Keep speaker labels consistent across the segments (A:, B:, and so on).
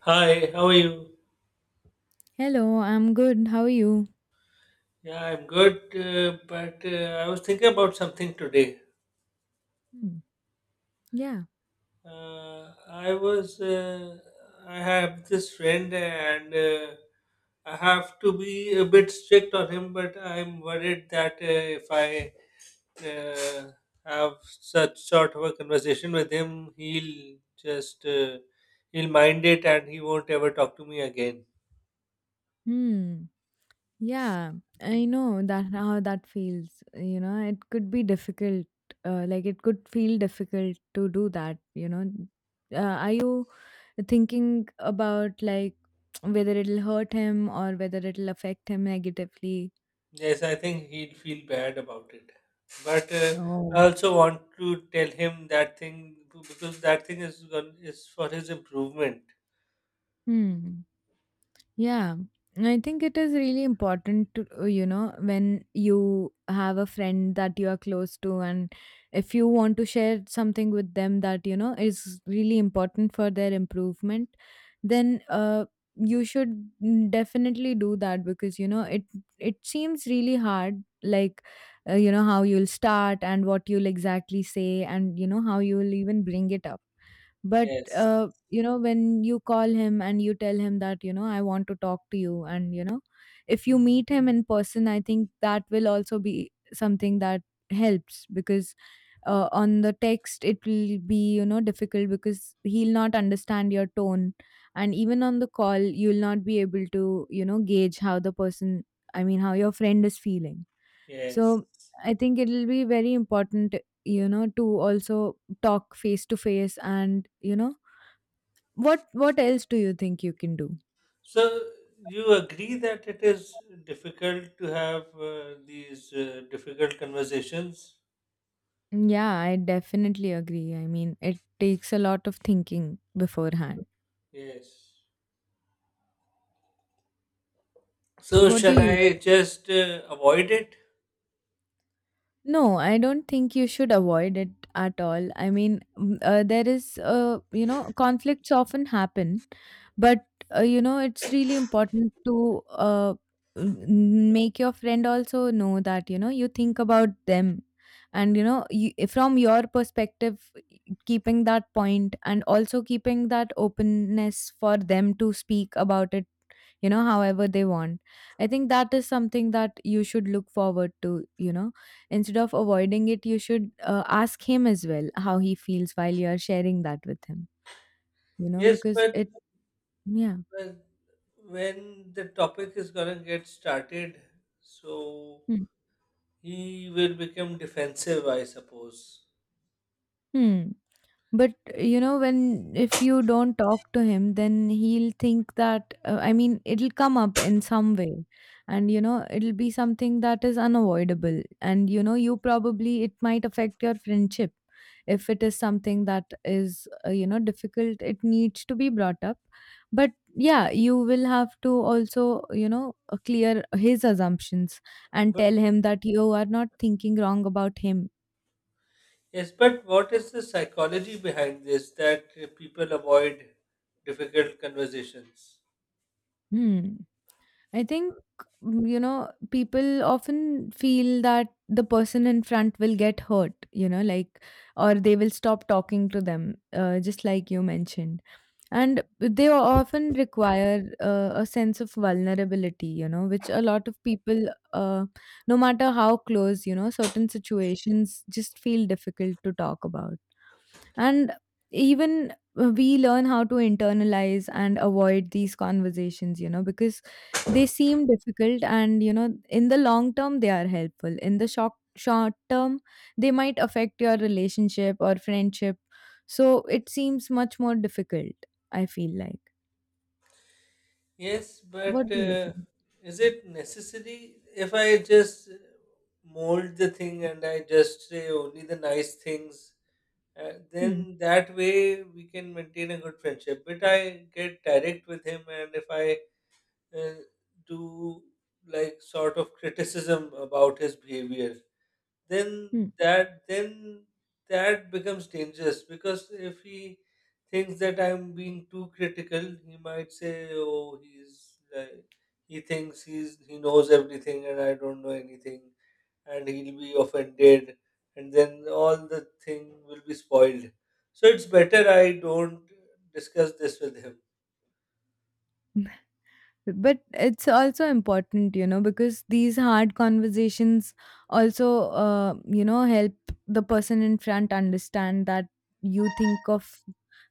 A: Hi, how are you?
B: Hello, I'm good. How are you?
A: Yeah, I'm good, but I was thinking about something today.
B: Hmm. Yeah.
A: Uh, I was, uh, I have this friend and I have to be a bit strict on him, but I'm worried that if I uh, have such sort of a conversation with him, he'll just, uh, he'll mind it and he won't ever talk to me again.
B: Hmm. Yeah. I know that how that feels. You know, it could be difficult. Like it could feel difficult to do that. Are you thinking about like whether it'll hurt him or whether it'll affect him negatively?
A: Yes, I think he'd feel bad about it. But I
B: Oh.
A: also want to tell him that thing too, because that thing is is for his improvement.
B: Hmm. Yeah, I think it is really important to, you know, when you have a friend that you are close to, and if you want to share something with them that, you know, is really important for their improvement, then you should definitely do that because, you know, it seems really hard, you know, how you'll start and what you'll exactly say, and, you know, how you'll even bring it up, but
A: Yes,
B: you know, when you call him and you tell him that, you know, I want to talk to you. And, you know, if you meet him in person, I think that will also be something that helps, because on the text it will be, you know, difficult because he'll not understand your tone. And even on the call you'll not be able to, you know, gauge how the person, I mean, how your friend is feeling.
A: yes.
B: So I think it'll be very important, you know, to also talk face to face and, you know, what else do you think you can do?
A: So you agree that it is difficult to have these difficult conversations?
B: Yeah, I definitely agree. I mean, it takes a lot of thinking beforehand.
A: Yes. So
B: What do
A: shall
B: you
A: I just avoid it?
B: No, I don't think you should avoid it at all. I mean, there is, you know, conflicts often happen, but, you know, it's really important to, make your friend also know that, you know, you think about them. And, you know, you, from your perspective, keeping that point and also keeping that openness for them to speak about it, you know, however they want. I think that is something that you should look forward to, you know. Instead of avoiding it, you should ask him as well how he feels while you are sharing that with him, you know,
A: Yes,
B: because
A: but
B: it— yeah.
A: uh, when the topic is gonna get started, so
B: Hmm.
A: he will become defensive, I suppose.
B: Hmm. But you know, when, if you don't talk to him, then he'll think that, I mean, it'll come up in some way, and you know, it'll be something that is unavoidable. And you know, you probably, it might affect your friendship if it is something that is, you know, difficult. It needs to be brought up, but yeah, you will have to also, you know, clear his assumptions and
A: But
B: tell him that you are not thinking wrong about him.
A: yes, but what is the psychology behind this that people avoid difficult conversations?
B: Hmm. I think you know, people often feel that the person in front will get hurt, you know, like, or they will stop talking to them, just like you mentioned. And they often require a sense of vulnerability, you know, which a lot of people, uh, no matter how close, you know, certain situations just feel difficult to talk about. And even we learn how to internalize and avoid these conversations, you know, because they seem difficult and, you know, in the long term, they are helpful. In the short term, they might affect your relationship or friendship. So it seems much more difficult, I feel like.
A: Yes, but
B: What do you think?
A: is it necessary if I just mold the thing and I just say only the nice things?
B: Hmm.
A: Then that way we can maintain a good friendship. But I get direct with him, and if I uh, do like sort of criticism about his behavior,
B: Hmm.
A: then that becomes dangerous because if he thinks that I'm being too critical, he might say, "Oh, he's like he thinks he's he knows everything and I don't know anything," and he'll be offended, and then all the thing will be spoiled. So it's better I don't discuss this with him.
B: But it's also important, you know, because these hard conversations also, you know, help the person in front understand that you think of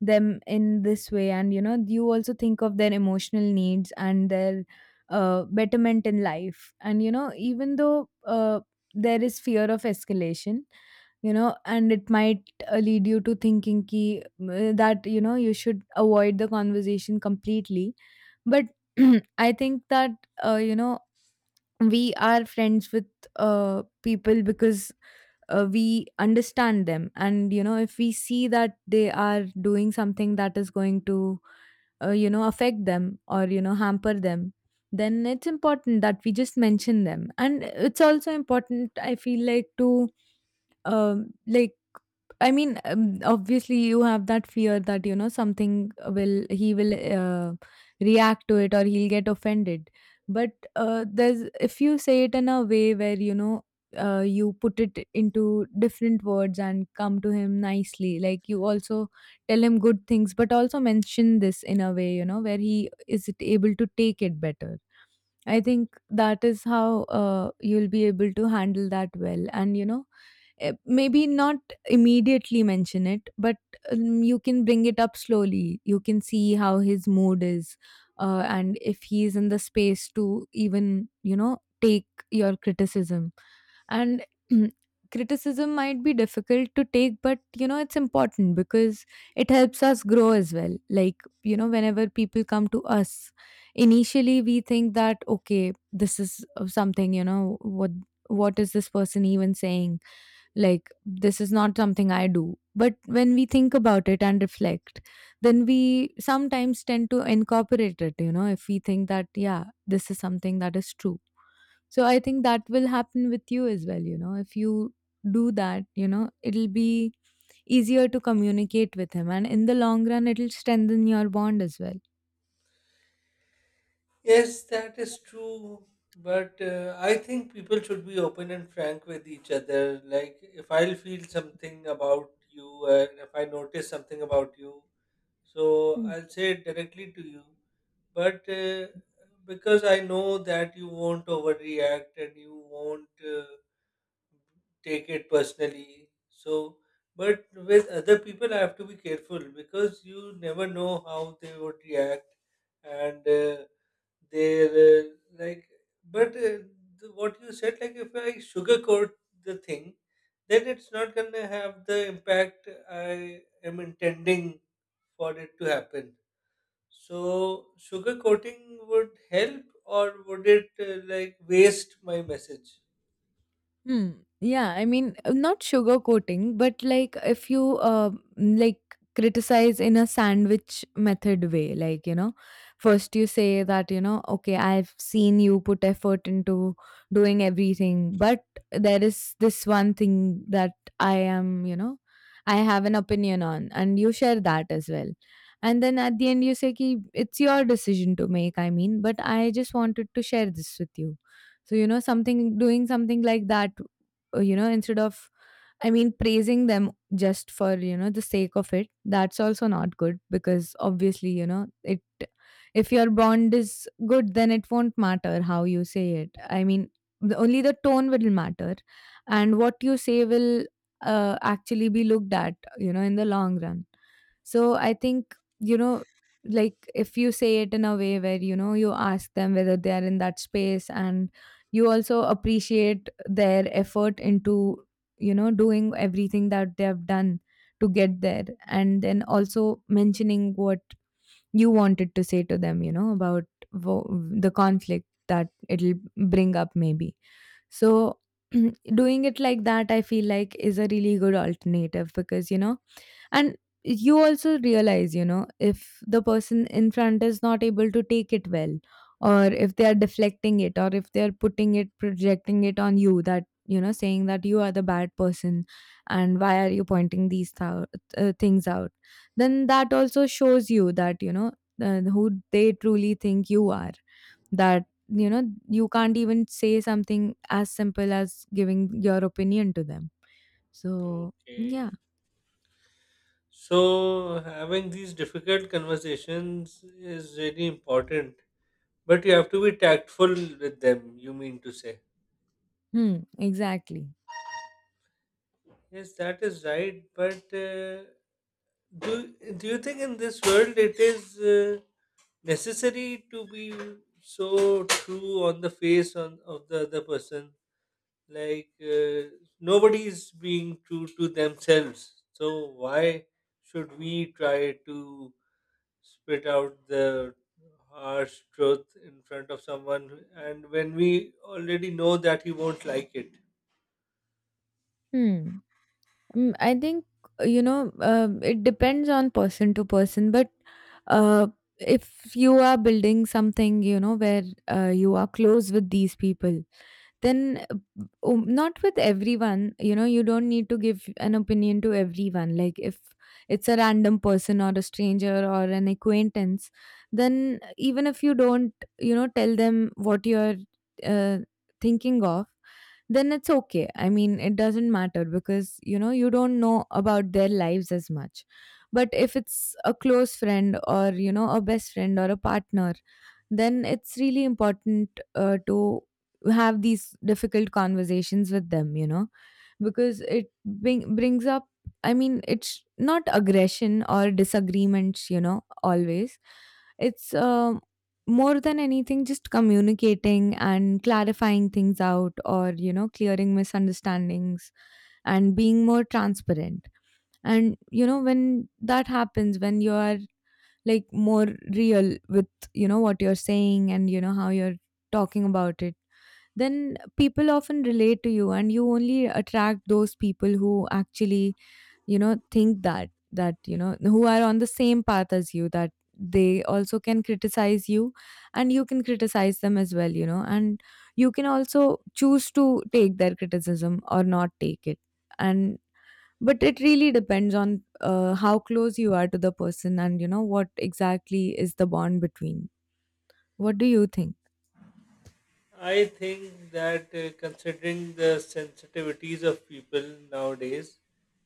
B: them in this way, and you know, you also think of their emotional needs and their betterment in life. And you know, even though, there is fear of escalation, you know, and it might lead you to thinking ki, that you know you should avoid the conversation completely, but I think that, you know, we are friends with people because we understand them. And you know, if we see that they are doing something that is going to, you know, affect them or you know hamper them, then it's important that we just mention them. And it's also important, I feel like, to— um like obviously, you have that fear that, you know, something will— he will react to it or he'll get offended. But there's— if you say it in a way where, you know, you put it into different words and come to him nicely, like, you also tell him good things, but also mention this in a way, you know, where he is able to take it better. I think that is how, you'll be able to handle that well. And you know, maybe not immediately mention it, but you can bring it up slowly. You can see how his mood is, and if he's in the space to even, you know, take your criticism. And criticism might be difficult to take, but you know, it's important because it helps us grow as well. Like, you know, whenever people come to us, initially we think that, okay, this is something, you know, what is this person even saying, like, this is not something I do. But when we think about it and reflect, then we sometimes tend to incorporate it, you know, if we think that, yeah, this is something that is true. So I think that will happen with you as well, you know, if you do that, you know, it'll be easier to communicate with him, and in the long run, it'll strengthen your bond as well.
A: Yes, that is true. But I think people should be open and frank with each other. Like, if I'll feel something about you, and if I notice something about you, so I'll say it directly to you. But because I know that you won't overreact and you won't take it personally, so but with other people, I have to be careful because you never know how they would react and. They're like, but the, what you said, like if I sugarcoat the thing, then it's not gonna have the impact I am intending for it to happen. So sugarcoating would help, or would it like waste my message?
B: Hmm. Yeah, I mean, not sugarcoating, but like if you mm, like criticize in a sandwich method way, like, you know, first you say that, you know, okay, I've seen you put effort into doing everything, but there is this one thing that I am, you know, I have an opinion on, and you share that as well. And then at the end, you say, Ki, it's your decision to make, I mean, but I just wanted to share this with you. So, you know, something— doing something like that, you know, instead of, I mean, praising them just for, you know, the sake of it— that's also not good, because obviously, you know, it— if your bond is good, then it won't matter how you say it. I mean, the— only the tone will matter, and what you say will actually be looked at, you know, in the long run. So I think, you know, like, if you say it in a way where, you know, you ask them whether they are in that space, and you also appreciate their effort into, you know, doing everything that they have done to get there, and then also mentioning what you wanted to say to them, you know, about— wo- the conflict that it'll bring up, maybe. So doing it like that, I feel like, is a really good alternative, because you know. And you also realize, you know, if the person in front is not able to take it well, or if they are deflecting it, or if they are putting it— projecting it on you, that, you know, saying that you are the bad person and why are you pointing these things out, then that also shows you that, you know, who they truly think you are, that you know, you can't even say something as simple as giving your opinion to them. So
A: Okay.
B: yeah.
A: So having these difficult conversations is really important, but you have to be tactful with them. You mean to say?
B: Hmm, exactly.
A: Yes, that is right. But do you think in this world it is necessary to be so true on the face on of the other person? Like nobody is being true to themselves. So why should we try to spit out the harsh truth in front of someone and when we already know that he won't like it?
B: Hmm. I think, you know, it depends on person to person, but uh, if you are building something, you know, where you are close with these people, then not with everyone— you know, you don't need to give an opinion to everyone. Like, if it's a random person or a stranger or an acquaintance, then even if you don't, you know, tell them what you're uh, thinking of, then it's okay. I mean, it doesn't matter because, you know, you don't know about their lives as much. But if it's a close friend or, you know, a best friend or a partner, then it's really important, to have these difficult conversations with them, you know, because it brings up, I mean, it's not aggression or disagreements, you know, always. It's more than anything just communicating and clarifying things out or, you know, clearing misunderstandings and being more transparent. And you know, when that happens, when you are like more real with, you know, what you're saying and, you know, how you're talking about it, then people often relate to you, and you only attract those people who actually, you know, think that you know who are on the same path as you, that they also can criticize you, and you can criticize them as well, you know. And you can also choose to take their criticism or not take it. And but it really depends on, how close you are to the person and, you know, what exactly is the bond between. What do you think?
A: I think that considering the sensitivities of people nowadays,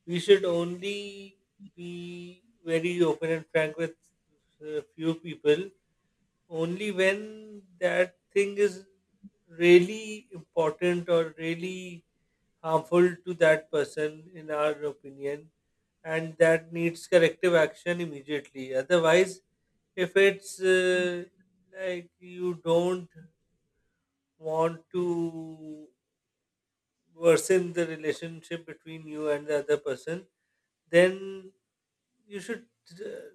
A: we should only be very open and frank with a few people only when that thing is really important or really harmful to that person, in our opinion, and that needs corrective action immediately. Otherwise, if it's like you don't want to worsen the relationship between you and the other person, then you should uh,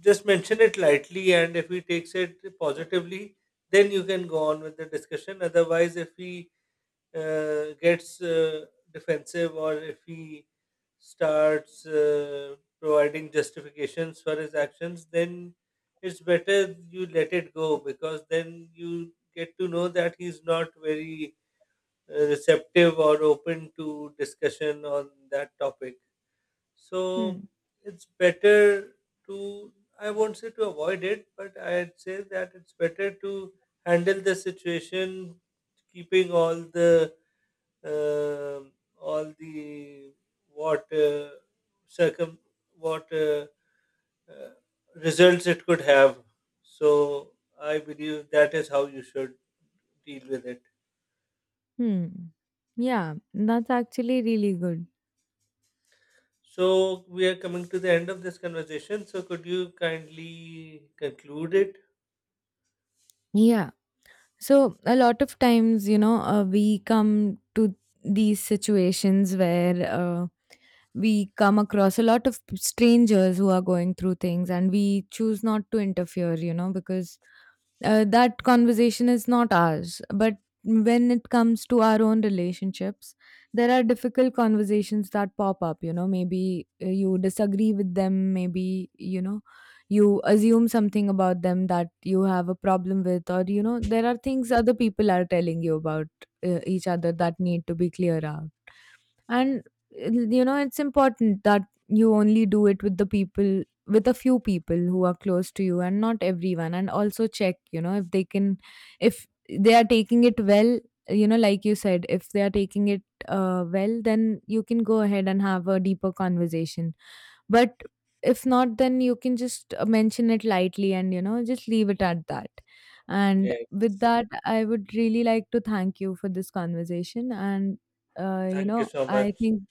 A: just mention it lightly. And if he takes it positively, then you can go on with the discussion. Otherwise, if he gets defensive or if he starts providing justifications for his actions, then it's better you let it go because then you get to know that he's not very receptive or open to discussion on that topic. So
B: Hmm.
A: it's better to, I won't say to avoid it, but I'd say that it's better to handle the situation, keeping um all the what circum what uh, results it could have. So I believe that is how you should deal with it.
B: Hmm. Yeah, that's actually really good.
A: So we are coming to the end of this conversation. So could you kindly conclude it?
B: Yeah. So a lot of times, you know, we come to these situations where we come across a lot of strangers who are going through things, and we choose not to interfere, you know, because that conversation is not ours. But when it comes to our own relationships, there are difficult conversations that pop up. You know, maybe you disagree with them, maybe, you know, you assume something about them that you have a problem with, or, you know, there are things other people are telling you about each other that need to be clear out. And you know, it's important that you only do it with the people— with a few people who are close to you, and not everyone. And also check, you know, if they can— if they are taking it well. You know, like you said, if they are taking it, well, then you can go ahead and have a deeper conversation. But if not, then you can just mention it lightly and, you know, just leave it at that. And
A: Yeah.
B: with that, I would really like to thank you for this conversation. And, you
A: Thank you
B: know,
A: so
B: I
A: much.
B: think,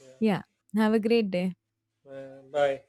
A: Yeah.
B: yeah, have a great day.
A: Bye.